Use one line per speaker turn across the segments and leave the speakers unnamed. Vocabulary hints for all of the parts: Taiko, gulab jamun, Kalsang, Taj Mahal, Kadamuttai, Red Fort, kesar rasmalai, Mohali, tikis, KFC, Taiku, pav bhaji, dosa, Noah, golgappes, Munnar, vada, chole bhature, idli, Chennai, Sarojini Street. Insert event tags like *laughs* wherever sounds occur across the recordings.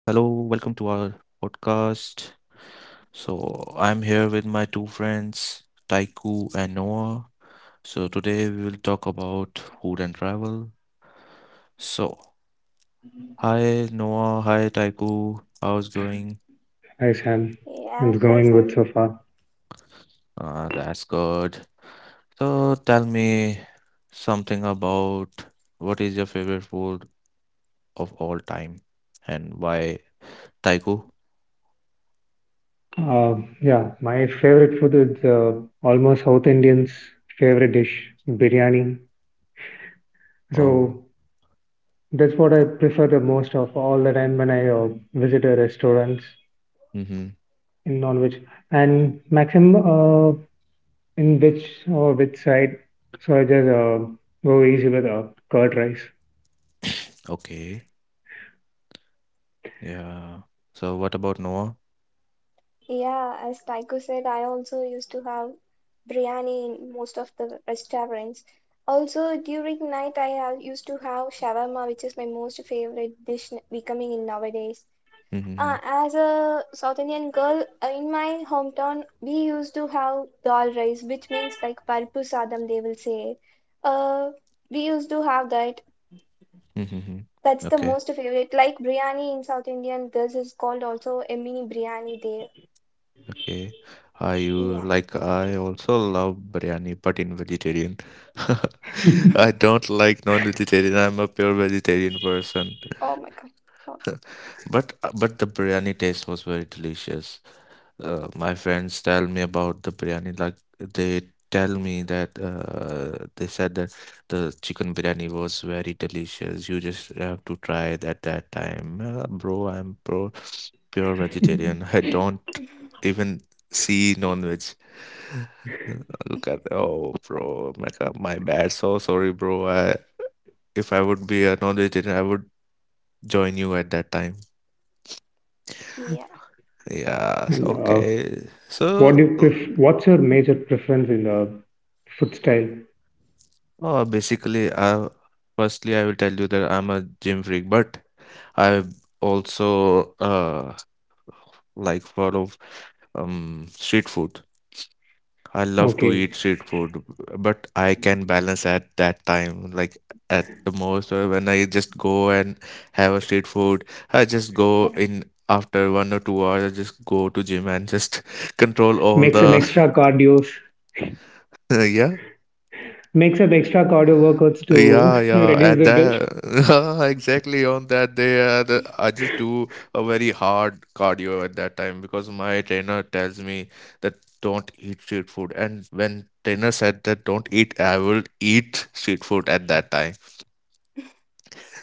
Welcome to our podcast. So, I'm here with my two friends, Taiku and Noah. So, today we will talk about food and travel. So, hi Noah, hi Taiku. How's going?
Hi Sam,
Yeah,
it's
hi
going good
Sam.
so far.
That's good. So, tell me something about what is your favorite food of all time and why, Taiku?
Uh, yeah, my favorite food is almost South Indians' favorite dish, biryani.
Oh,
So that's what I prefer the most of all the time when I visit a restaurants
mm-hmm.
in non-veg and maximum in which or which side. So I just go easy with curd rice.
Okay. Yeah. So what about Noah?
Yeah, as Taiko said, I also used to have biryani in most of the restaurants. Also, during night, used to have shawarma, which is my most favorite dish becoming in nowadays.
Mm-hmm.
As a South Indian girl, in my hometown, we used to have dal rice, which means like parpu sadam, they will say. Uh, we used to have that.
Mm-hmm.
That's the
Okay.
most favorite. Like biryani in South Indian, this is called also a mini biryani there.
Okay. I you
Yeah.
like I also love biryani, but in vegetarian. *laughs* I don't like non-vegetarian. I'm a pure vegetarian person.
Oh my God. Oh,
But the biryani taste was very delicious. My friends tell me about the biryani, like they tell me that they said that the chicken biryani was very delicious. You just have to try it at that time. Bro, I'm pro pure vegetarian. *laughs* I don't even see non-veg. *laughs* Look at oh, bro, my God, my bad. So sorry, bro. If I would be a non-vegetarian, I would join you at that time.
yeah,
*laughs* Yes,
And
okay.
what do you pref- What's your major preference in the food style?
Basically, firstly, I will tell you that I'm a gym freak, but I also like follow street food. I love to eat
Okay,
street food, but I can balance at that time. Like at the most, when I just go and have a street food, I just go in after 1 or 2 hours. I just go to gym and just *laughs* control all
make some
the
extra cardio.
*laughs* yeah.
Makes up extra cardio workouts to
Yeah,
*laughs*
yeah.
reduce
At
the guilt.
that, *laughs* exactly on that day, I just do a very hard cardio at that time because my trainer tells me that don't eat street food. And when trainer said that don't eat, I will eat street food at that time.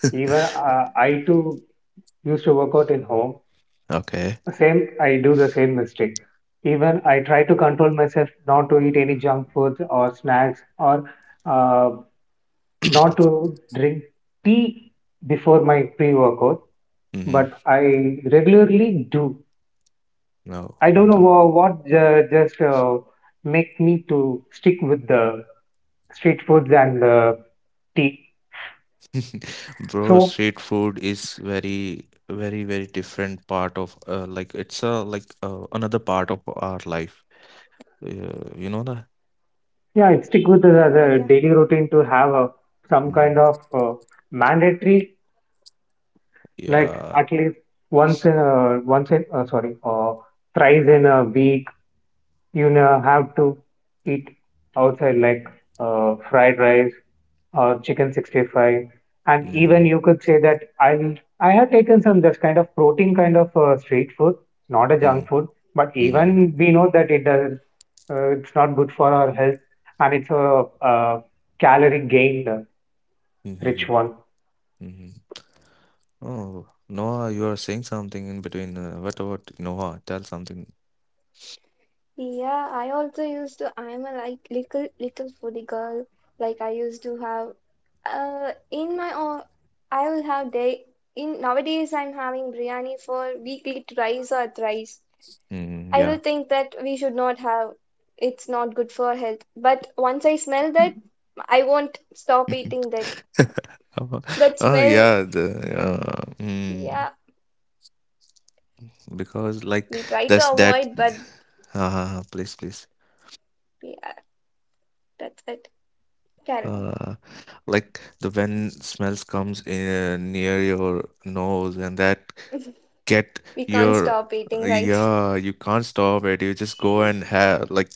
Even I too used to work out in home.
Okay.
Same, I do the same mistake. Even I try to control myself not to eat any junk foods or snacks or uh,
*coughs* *clears throat*
not to drink tea before my pre-workout. But
Mm-hmm.
I regularly do.
No,
I don't know
the
wha- what just make me to stick with the street foods and tea.
*laughs* bro,
So
street food is very, very, very different part of like it's a like another part of our life. Uh, you know that?
yeah, I'd stick with it as
yeah,
a
yeah.
daily routine to have a, some
Mm,
kind of mandatory, like
yeah.
at least once in a, once in, sorry, thrice in a week, you know, have to eat outside like fried rice or chicken 65, and even
Mm,
you could say that I had taken some just kind of protein kind of street food, not a
mm,
junk food, but
mm,
even we know that it doesn't it's not good for our health, and it's a, calorie gained rich
mm,
one.
mm. Oh, Noah, you are saying something in between. What about Noah? Tell something.
Yeah, I also used to, I'm a like little foodie girl. Like I used to have in my own I will have day in nowadays I'm having biryani for weekly twice or thrice.
Mm,
I will
yeah.
think that we should not have it's not good for health. But once I smell that, I won't stop eating that.
*laughs* Oh,
That
oh,
smell,
yeah.
yeah,
Because like
we try to
that's that.
avoid,
*sighs*
but
Please, please.
yeah, that's it. Carry on.
uh, like the when smells comes in near your nose and that get
We can't
your
stop eating, right?
yeah you can't stop it you just go and have like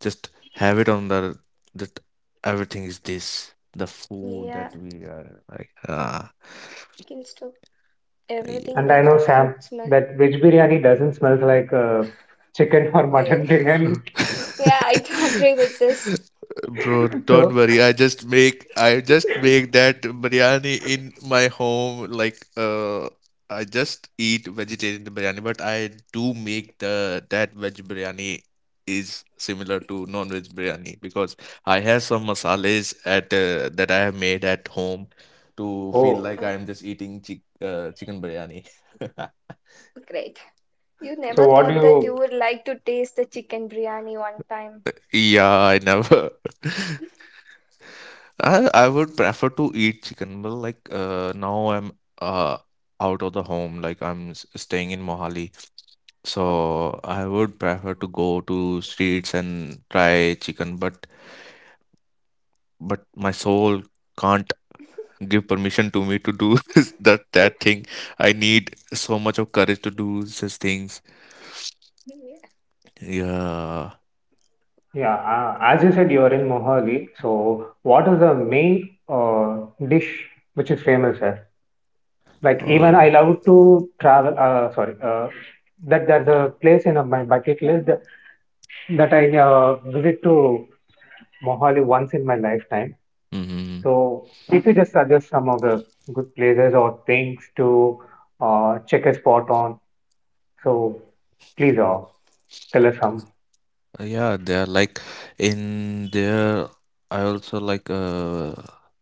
just have it on the that everything is this the food
Yeah,
that
we
we are like ah
can stop everything
And I
but
know,
the
Sam,
food smell.
that veg biryani doesn't smell like chicken or *laughs*
Yeah,
mutton biryani.
yeah, I agree with this.
*laughs* Bro, don't
So
worry. I just
*laughs*
make that biryani in my home. Like I just eat vegetarian biryani, but I do make the that veg biryani is similar to non-veg biryani because I have some masales at that I have made at home to feel
oh,
like
Oh,
I'm just eating chicken biryani. *laughs*
great. You
so
never
what do
thought that you
you
would like to taste the chicken biryani one time.
Yeah, I never. *laughs* I would prefer to eat chicken, but like now I'm uh out of the home, like staying in Mohali,
Oh,
so I would prefer to go to streets and try chicken, but my soul can't give permission to me to do *laughs* that thing. I need so much of courage to do such things.
yeah.
Yeah.
Yeah, as you said, you are in Mohali. So, what is the main dish which is famous here? Like, even I
Oh.
love to travel. That there's a place in my bucket list that, that I visit to Mohali once in my lifetime.
Mm-hmm.
So, if you just suggest some of the good places or things to check a spot on, so please tell us some.
Yeah, they're like in there. I also like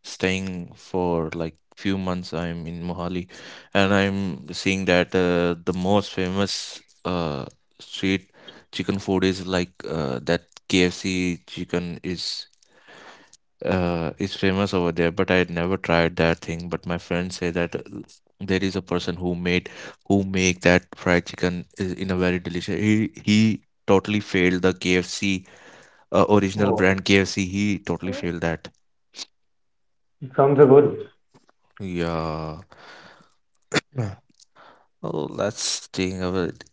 staying for like few months. I'm in Mohali, and I'm seeing that the most famous street chicken food is like that KFC chicken is famous over there. But I had never tried that thing. But my friends say that there is a person who make that fried chicken is in a very delicious. He totally failed the KFC original
Oh,
brand KFC. He totally
Oh,
failed that.
sounds good.
Yeah. Yeah. Oh, that's thing.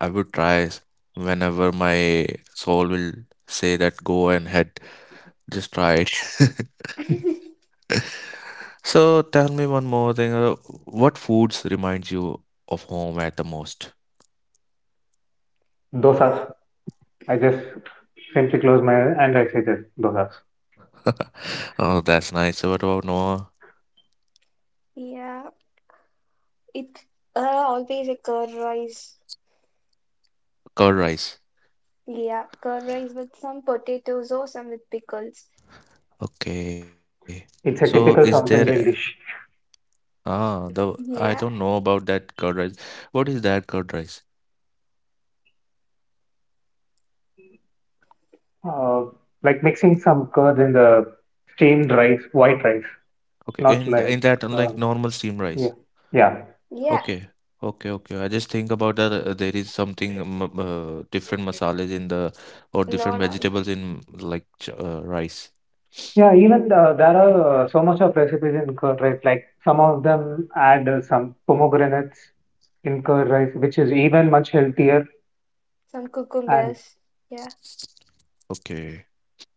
I would whenever my soul will say that go and head. Just try it. *laughs* So tell me one more thing. What foods reminds you of home at the most?
Dosas.
yeah,
I just simply close my eyes and I say just dosas.
*laughs* Oh, that's nice. So what about Noah?
yeah. It always a curd rice.
Curd rice.
Yeah, curd rice with some potatoes or some with pickles.
Okay. So
It's
is
a
there
typical
a-
South Indian dish.
ah, the I don't
Yeah,
know about that curd rice. What is that curd rice?
Uh, like mixing some curd in the steamed rice, white rice,
Okay,
not like,
in that
uh,
unlike normal steam
yeah,
rice.
yeah.
yeah.
Okay, okay, okay. I just think about that there is something different masalas in the or different
No, no, no.
vegetables in rice.
Yeah, even there are so much of recipes in curd rice. Like some of them add some pomegranates in curd rice, which is even much healthier.
Some
And
cucumbers. Yeah,
Okay.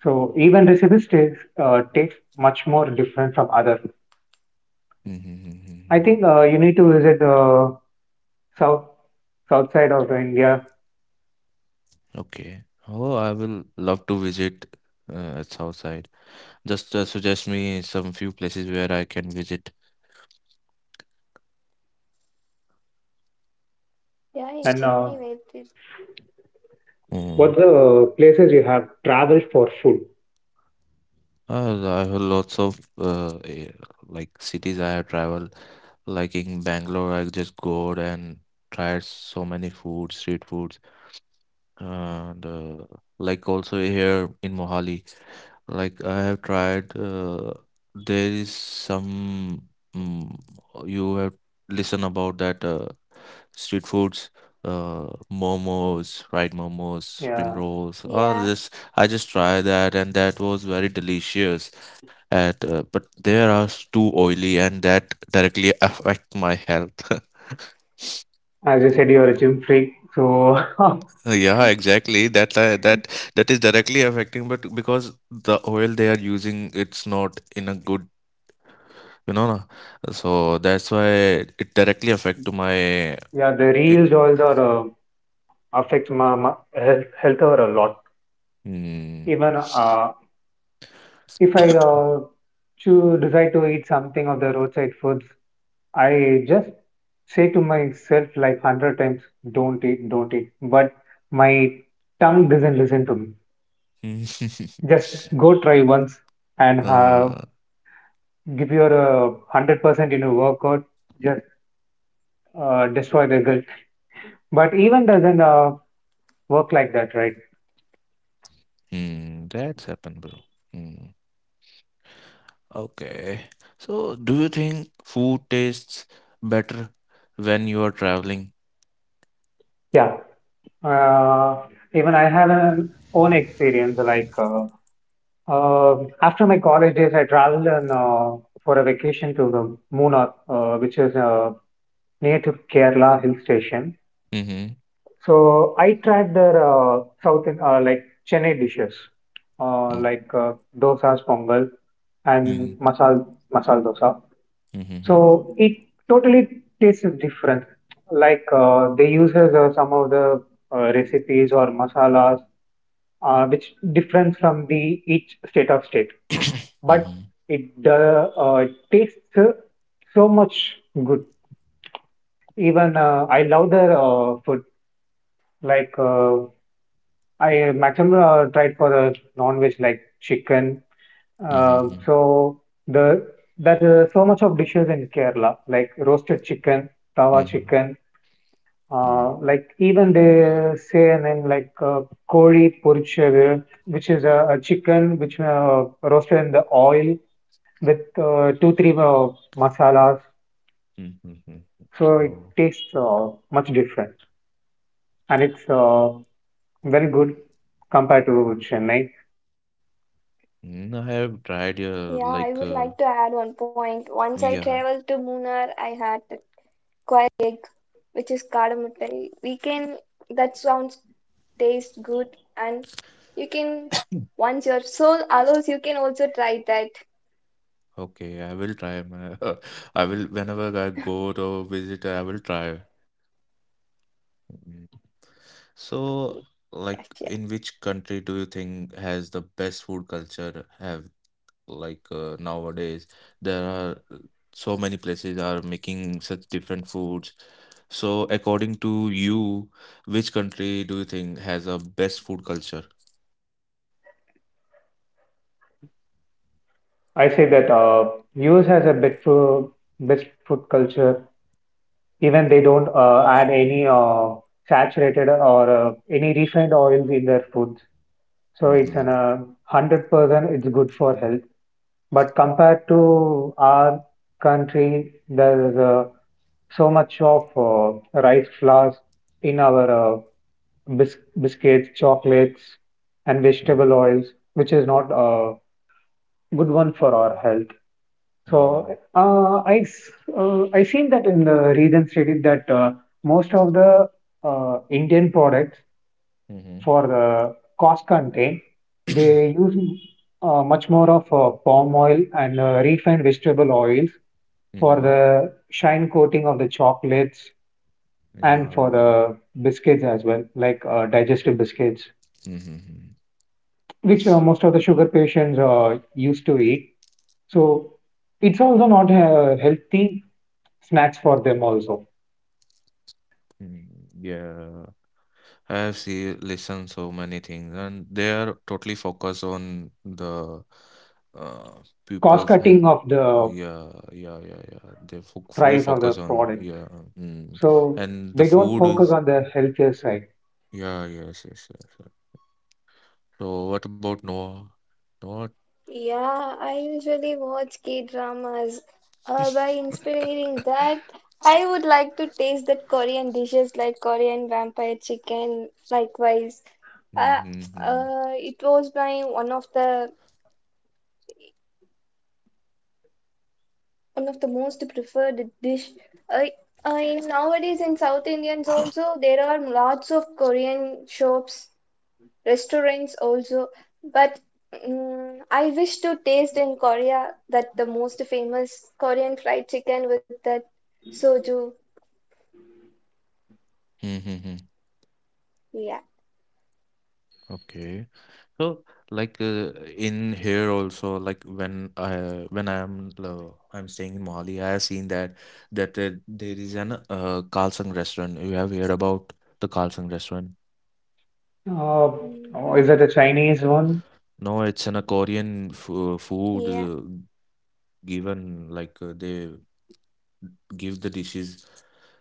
so even recipes taste taste much more different from other. I
Mm-hmm.
think you need to visit the south south side of India.
Okay. Oh, I will love to visit at Southside. Just suggest me some few places where I can visit.
yeah.
And
In Chennai, where it.
Mm.
What's the places you have traveled for food?
I have lots of like cities I have traveled. Like in Bangalore, I just go out and tried so many foods, street foods, and like also here in Mohali, like I have tried. There is some mm, you have listen about that street foods, uh, momos, fried momos, spring
Yeah,
rolls. Or this
Yeah,
I just tried that, and that was very delicious. At but they are too oily, and that directly *laughs* affect my health. *laughs*
as you said, you're a gym freak. So, *laughs*
Yeah, exactly. That is directly affecting, but because the oil they are using, it's not in a good, you know, na? So that's why it directly affect to my.
yeah, the
eh,
reels also are, affect my, my health a lot.
Mm,
Even if I choose, decide to eat something of the roadside foods, I just say to myself like 100 times, don't eat, don't eat. But my tongue doesn't listen to me. Just
*laughs*
go try once and
uh,
give your 100% in a workout. Just destroy their guilt. But even doesn't work like that, right?
hmm, that's happened, bro. Hmm. Okay. So, do you think food tastes better when you are traveling?
Yeah. Uh, Even I have an own experience. Uh, After my college days, I traveled and, for a vacation to the Munnar, which is near to Kerala hill station.
Mm-hmm.
So I tried their like Chennai dishes, uh,
Hmm,
like uh, dosa's, pongal, and
hmm.
masal dosa.
Mhm. Mhm.
So it totally tastes different. Like they uses some of the recipes or masalas which different from the each state,
*coughs*
but
Mhm.
it tastes so much good. Even I love their food. Like I maximum tried for the non-veg like chicken.
Mhm.
So the that so much of dishes in Kerala, like roasted chicken, tawa
Mhm.
chicken. Like even they say a name like koli porichadu, which is a chicken which roasted in the oil with 2 3 masalas.
Mhm. Hmm.
So
Oh,
it tastes much different, and it's very good compared to Chennai.
mm, I have
yeah,
tried
I would like to add one point. Once I traveled to
yeah
Munnar, I had a quiet egg, which is kadamuttai. We can, that sounds taste good, and you can, once your soul allows, you can also try that.
okay I will try my *laughs* I will whenever I go to visit I will try. Mm.
Yes. Yeah, sure.
So like in which country do you think has the best food culture have like nowadays there are so many places are making such different foods. So, according to you, which country do you think has a best food culture?
I say that US has a bit food, best food culture. Even they don't add any saturated or any refined oils in their foods. So it's an
Mm-hmm.
100% it's good for health. But compared to our country, there is so much of rice flours in our biscuits, chocolates, and vegetable oils, which is not a good one for our health. So
Mm-hmm.
I seen that in the region stated that most of the Indian products
Mm-hmm.
for cost contain, they use much more of palm oil and refined vegetable oils for
Mm-hmm.
the shine coating of the chocolates and for
Yeah.
the biscuits as well, like digestive biscuits,
Mm-hmm.
which most of the sugar patients used to eat. So it's also not a healthy snacks for them also.
Mm-hmm. Yeah. I have seen listened so many things, and they are totally focused on the uh,
Cost
people's.
cutting of the
Yeah, yeah, yeah, yeah. They fo fully
price of the
focus on
product.
yeah, mm.
So
And the
they don't
food
focus
is
on the healthier side.
yeah, yes, yes, yes, yes. So what about Noah? Noah?
Yeah, I usually watch K-dramas. By inspiring that, I would like to taste that Korean dishes like Korean vampire chicken. Likewise, uh,
Mm-hmm.
it was my one of the most preferred dish. I I nowadays in South Indians also there are lots of Korean shops. Restaurants also, but I wish to taste in Korea that the most famous Korean fried chicken with that soju.
Mm-hmm.
Yeah.
Okay. So like in here also like when I am I'm staying in Mali, I have seen that that there is an Kalsang restaurant. You have heard about the Kalsang restaurant?
Uh,
Mm.
oh, is it
Oh,
a Chinese one?
No, it's an a Korean f food
yeah,
given like they give the dishes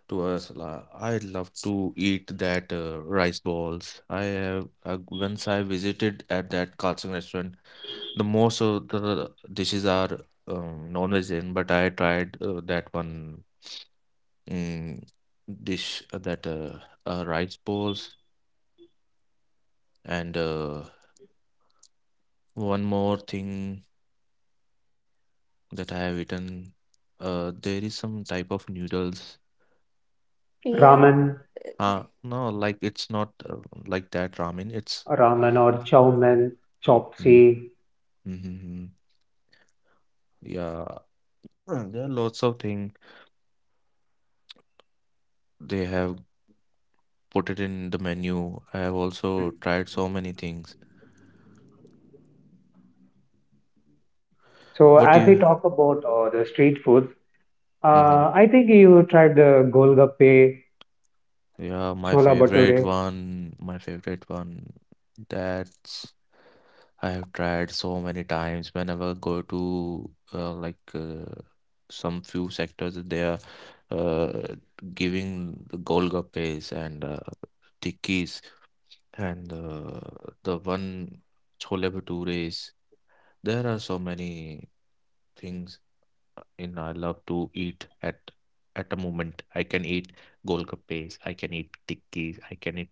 to us. I love to eat that rice balls. I have once I visited at that Kalsing restaurant. The most of the dishes are non-vegetarian, but I tried that one mm, dish that rice balls and one more thing that I have eaten. There is some type of noodles.
Ramen,
yeah,
No, like it's not like that ramen. It's
ramen or chow mein, chop
mm,
chee.
mm-hmm. Yeah, there are lots of things they have put it in the menu. I have also
Mm.
tried so many things.
So
What do
as
you?
we talk about the street foods,
Mm-hmm.
I think you tried the golgappe,
Yeah, my
chola
favorite
bhature.
one, my favorite one. That's I have tried so many times. Whenever I go to some few sectors, they are uh, giving the golgappes and tikis and the one chole bhature. There are so many things in I love to eat at a moment. I can eat golgappes, I can eat tikkis, I can eat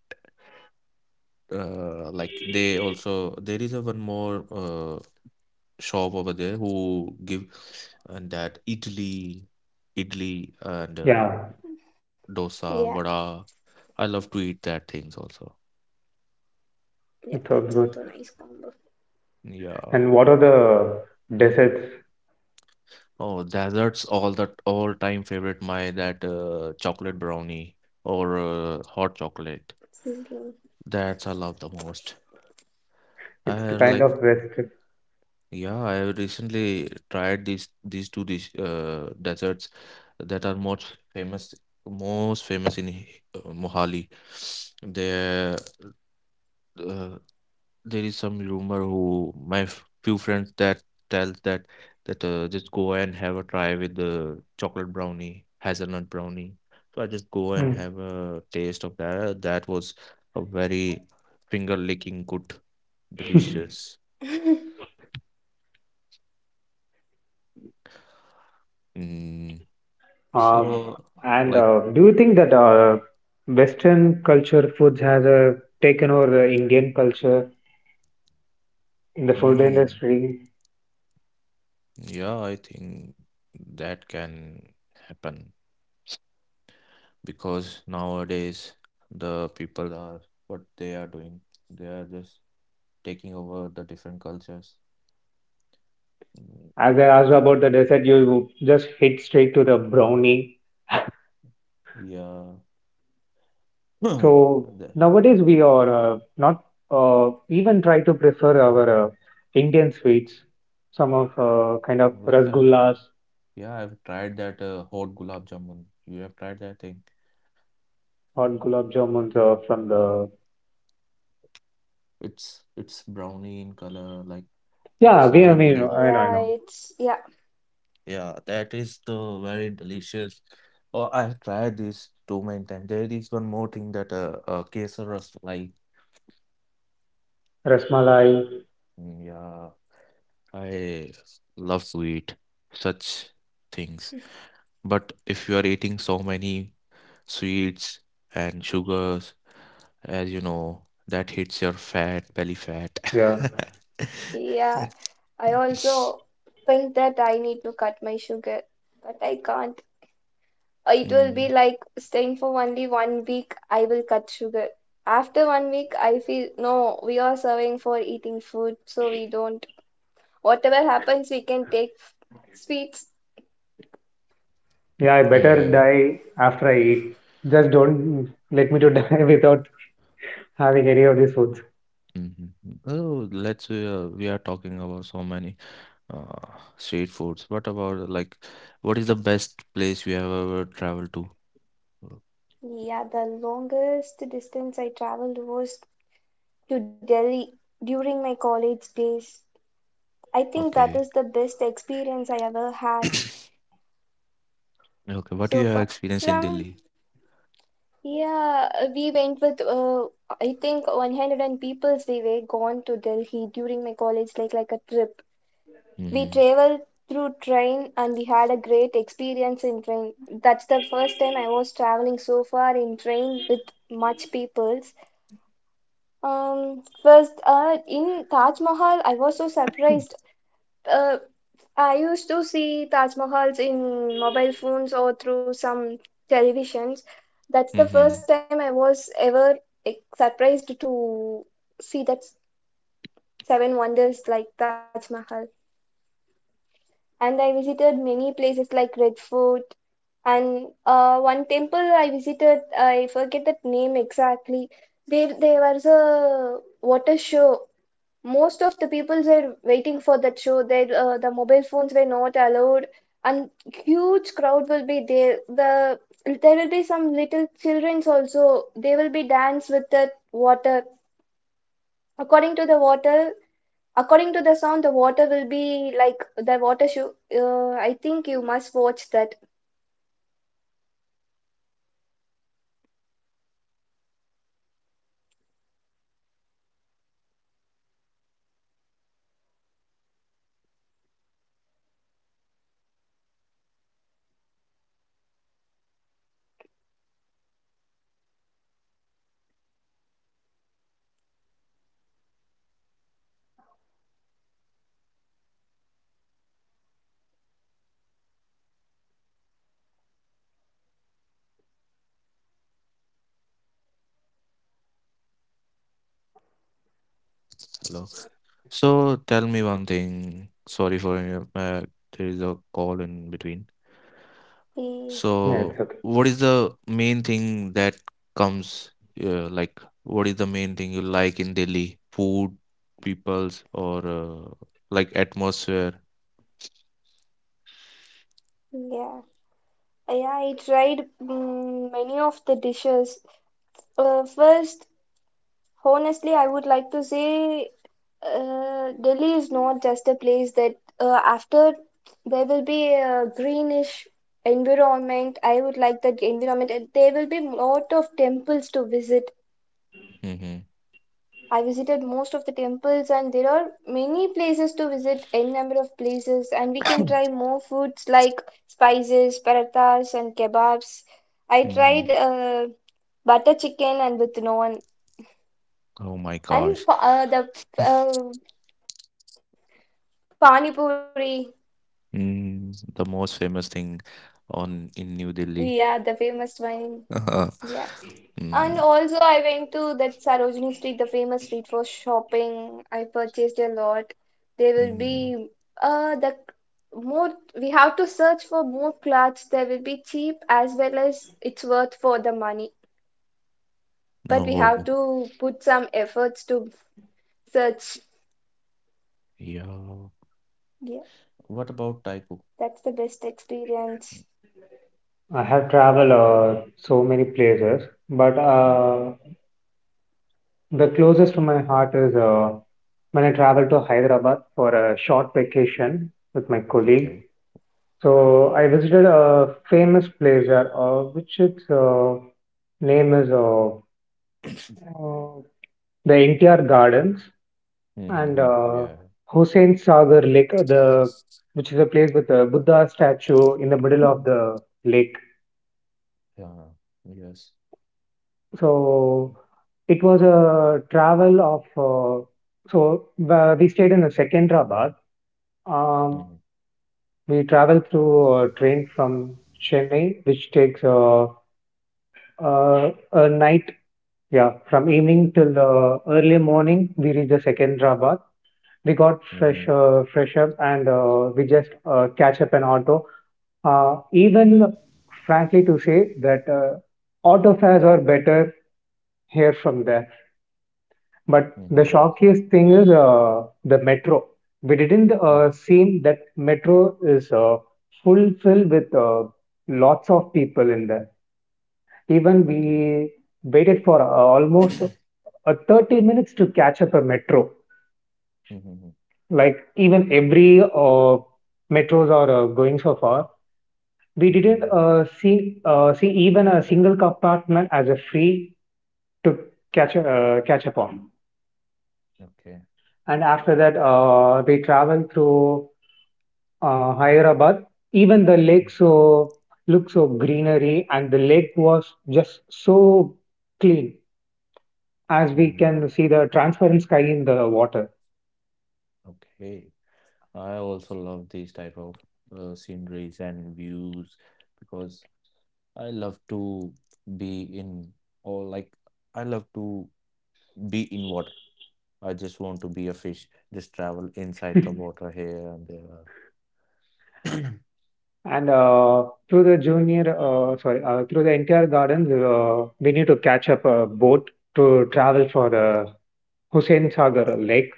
like they also there is a one more shop over there who give and that idli, and
Yeah,
yeah,
dosa, vada. I love to eat that things also.
yeah.
it
That's
sounds
also
good.
nice combo.
Yeah.
And what are the desserts?
Oh, desserts all the all time favorite my that chocolate brownie or hot chocolate.
Sizzling.
That's I love the most.
It's
I
the kind
like
of West.
Yeah, I recently tried these two these desserts that are most famous in Mohali. They uh, there is some rumor who my few friends that tells that that just go and have a try with the chocolate brownie, hazelnut brownie. So I just go and
Mm.
have a taste of that. That was a very finger licking good, delicious.
*laughs*
Mm.
Um,
So
and
like,
do you think that Western culture foods has taken over the Indian culture in the food
mm,
industry?
yeah, I think that can happen because nowadays the people are what they are doing. They are just taking over the different cultures. Mm,
As I asked
the-
about the dessert, you just hit straight to the brownie.
yeah, *clears throat*
So
the,
nowadays we are not even try to prefer our Indian sweets. Some of kind of
like I,
rasgullas
yeah, I've tried that hot gulab jamun. You have tried that thing?
or gulab jamuns from the
It's brownie in color, like it's
yeah
very
we I
deli.
mean I
Yeah,
know
it's yeah,
Yeah, that is the very delicious. Oh, I've tried this too many times. There is one more thing that kesar rasmalai.
rasmalai
Mm, yeah, I love sweet such things. But if you are eating so many sweets and sugars, as you know, that hits your fat, belly fat.
yeah
*laughs*
yeah. I also think that I need to cut my sugar, but I can't. It will
Mm,
be like staying for only one week, I will cut sugar. After one week, I feel no, we are serving for eating food, so we don't. Whatever happens, we can take sweets.
yeah I better
mhm,
die after I eat. Just don't let me to die *laughs* without having any of these foods.
mhm, mhm. Oh, let's say we are talking about so many uh, street foods. What about like what is the best place you have ever traveled to?
Yeah, the longest distance I traveled was to Delhi during my college days. I think that
Okay.
is the best experience I ever had.
*coughs* Okay, what do you have
So far,
experienced in Delhi?
from. Yeah, we went with I think 100 and people we were gone to Delhi during my college like a trip. We
Mm-hmm.
traveled through train and we had a great experience in train. That's the first time I was traveling so far in train with much peoples. In Taj Mahal, I was so surprised. Uh, I used to see Taj Mahals in mobile phones or through some televisions. That's the
Mm-hmm.
first time I was ever like, surprised to see that seven wonders like Taj Mahal. And I visited many places like Red Fort and one temple I visited, I forget that name exactly. There was a water show most of the people were waiting for that show. The mobile phones were not allowed, and huge crowd will be there. There will be some little childrens also. They will be dance with the water. According to the water, according to the sound, the water will be like the water show. I think you must watch that.
Hello. So tell me one thing. Sorry for there is a call in between.
Eh,
Yeah,
So
it's
what is the main thing that comes like what is the main thing you like in Delhi? Food, peoples, or like atmosphere?
yeah, yeah. I tried many of the dishes. First. Honestly, I would like to say Delhi is not just a place that after there will be a greenish environment. I would like that environment, and there will be lot of temples to visit.
Mm-hmm.
I visited most of the temples, and there are many places to visit, n number of places, and we can
*coughs*
try more foods like spices, parathas, and kebabs. I
Mm-hmm.
tried butter chicken and with naan,
Oh my gosh.
and the uh, Pani Puri.
Mm, the most famous thing on in New Delhi.
Yeah, the famous one.
*laughs*
Yeah. And
Mm,
also I went to that Sarojini Street, the famous street for shopping. I purchased a lot. There will
mm.
be the more we have to search for more clothes. There will be cheap as well as it's worth for the money. But we
No.
have to put some efforts to search.
Yeah.
Yeah,
What about Taiko?
that's the best experience.
I have traveled so many places, but the closest to my heart is when I traveled to Hyderabad for a short vacation with my
Okay.
colleague. So I visited a famous place there, which its name is uh, the NTR Gardens and
Mm-hmm. Yeah.
Hussain Sagar Lake, the which is a place with a Buddha statue in the middle
Mm.
of the lake.
Yeah. Yes.
So it was a travel of we stayed in Secunderabad.
Mm-hmm.
Um, we traveled through a train from Chennai, which takes a night, yeah, from evening till early morning. We reached the Secunderabad. We got
Mm-hmm.
fresh, fresh up, and we just catch up an auto. Even frankly, to say that auto fares are better here from there. But the
Mm-hmm.
shockiest thing is the metro. We didn't
Mm.
seem that metro is full filled with lots of people in there. Even
Okay.
we waited for almost 30 minutes to catch up a metro.
Mm-hmm.
Like even every metros are going so far. We didn't
Mm-hmm.
see even a single compartment as a free to catch up on.
Okay.
And after that, we traveled through Hyderabad, even the lake so looked so greenery, and the lake was just so clean as we
Mm-hmm.
can see the transparent sky in the water.
Okay. I also love these type of sceneries and views because I love to be in or like I love to be in water. I just want to be a fish, just travel inside the
*laughs*
water here and there. *clears throat* *coughs*
and through the through the entire garden, we need to catch up a boat to travel for the Hussein Sagar Lake.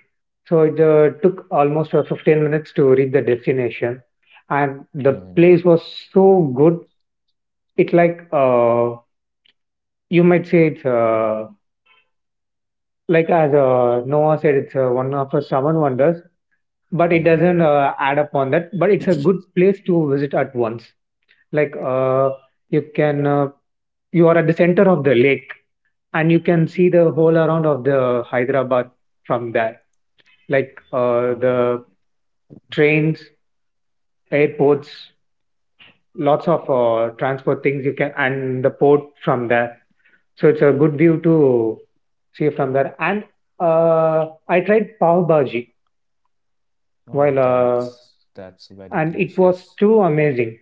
So it took almost 15 minutes to reach the destination, and the
Mm-hmm.
place was so good. It like you might say it's, like as Noah said, it's, one of the seven wonders, but it
Mm-hmm.
doesn't, add up on that. But it's a good place to visit at once. Like, you can, uh, you are at the center of the lake and you can see the whole around of the Hyderabad from there. Like,
Oh.
the trains, airports, lots of, transport things you can, and the port from there. So it's a good view to see from there. And I tried pav bhaji.
Oh,
While
that's very
And it was
delicious.
too amazing.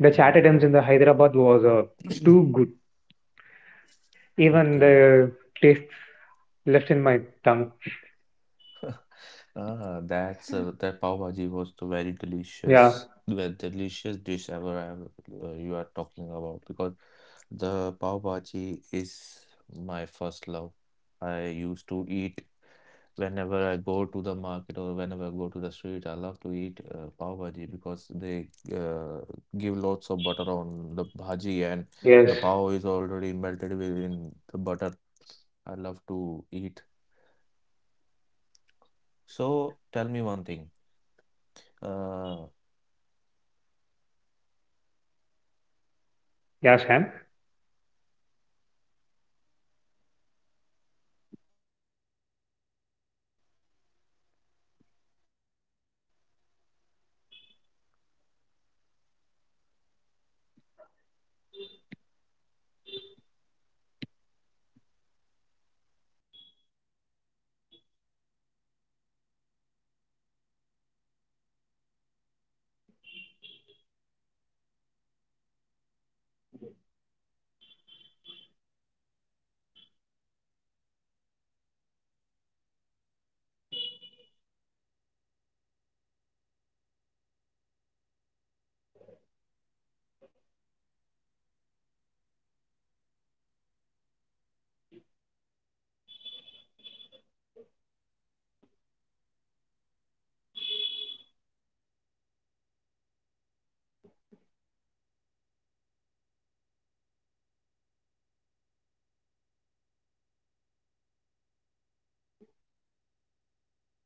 The chat
Mm,
items in the Hyderabad was
*coughs*
too good. Even
Okay.
the taste left in my tongue.
*laughs* Ah, that pav bhaji was the very delicious,
Yeah.
the delicious dish ever I have, you are talking about because the pav bhaji is my first love. I used to eat whenever I go to the market or whenever I go to the street. I love to eat pav bhaji because they uh, give lots of butter on the bhaji and the
Yes.
pav is already melted within the butter. I love to eat. So tell me one thing. Uh, if you have a, if you could travel at one place
Yeah, Sam.
only for food, where would go it be for you? Hello. Hello, Taiko. Are you listening? Hello. Hello. Can't hear you. Hello. Okay, so from now we will end this conversation. We will see you in next podcast. Thank you. Bye bye.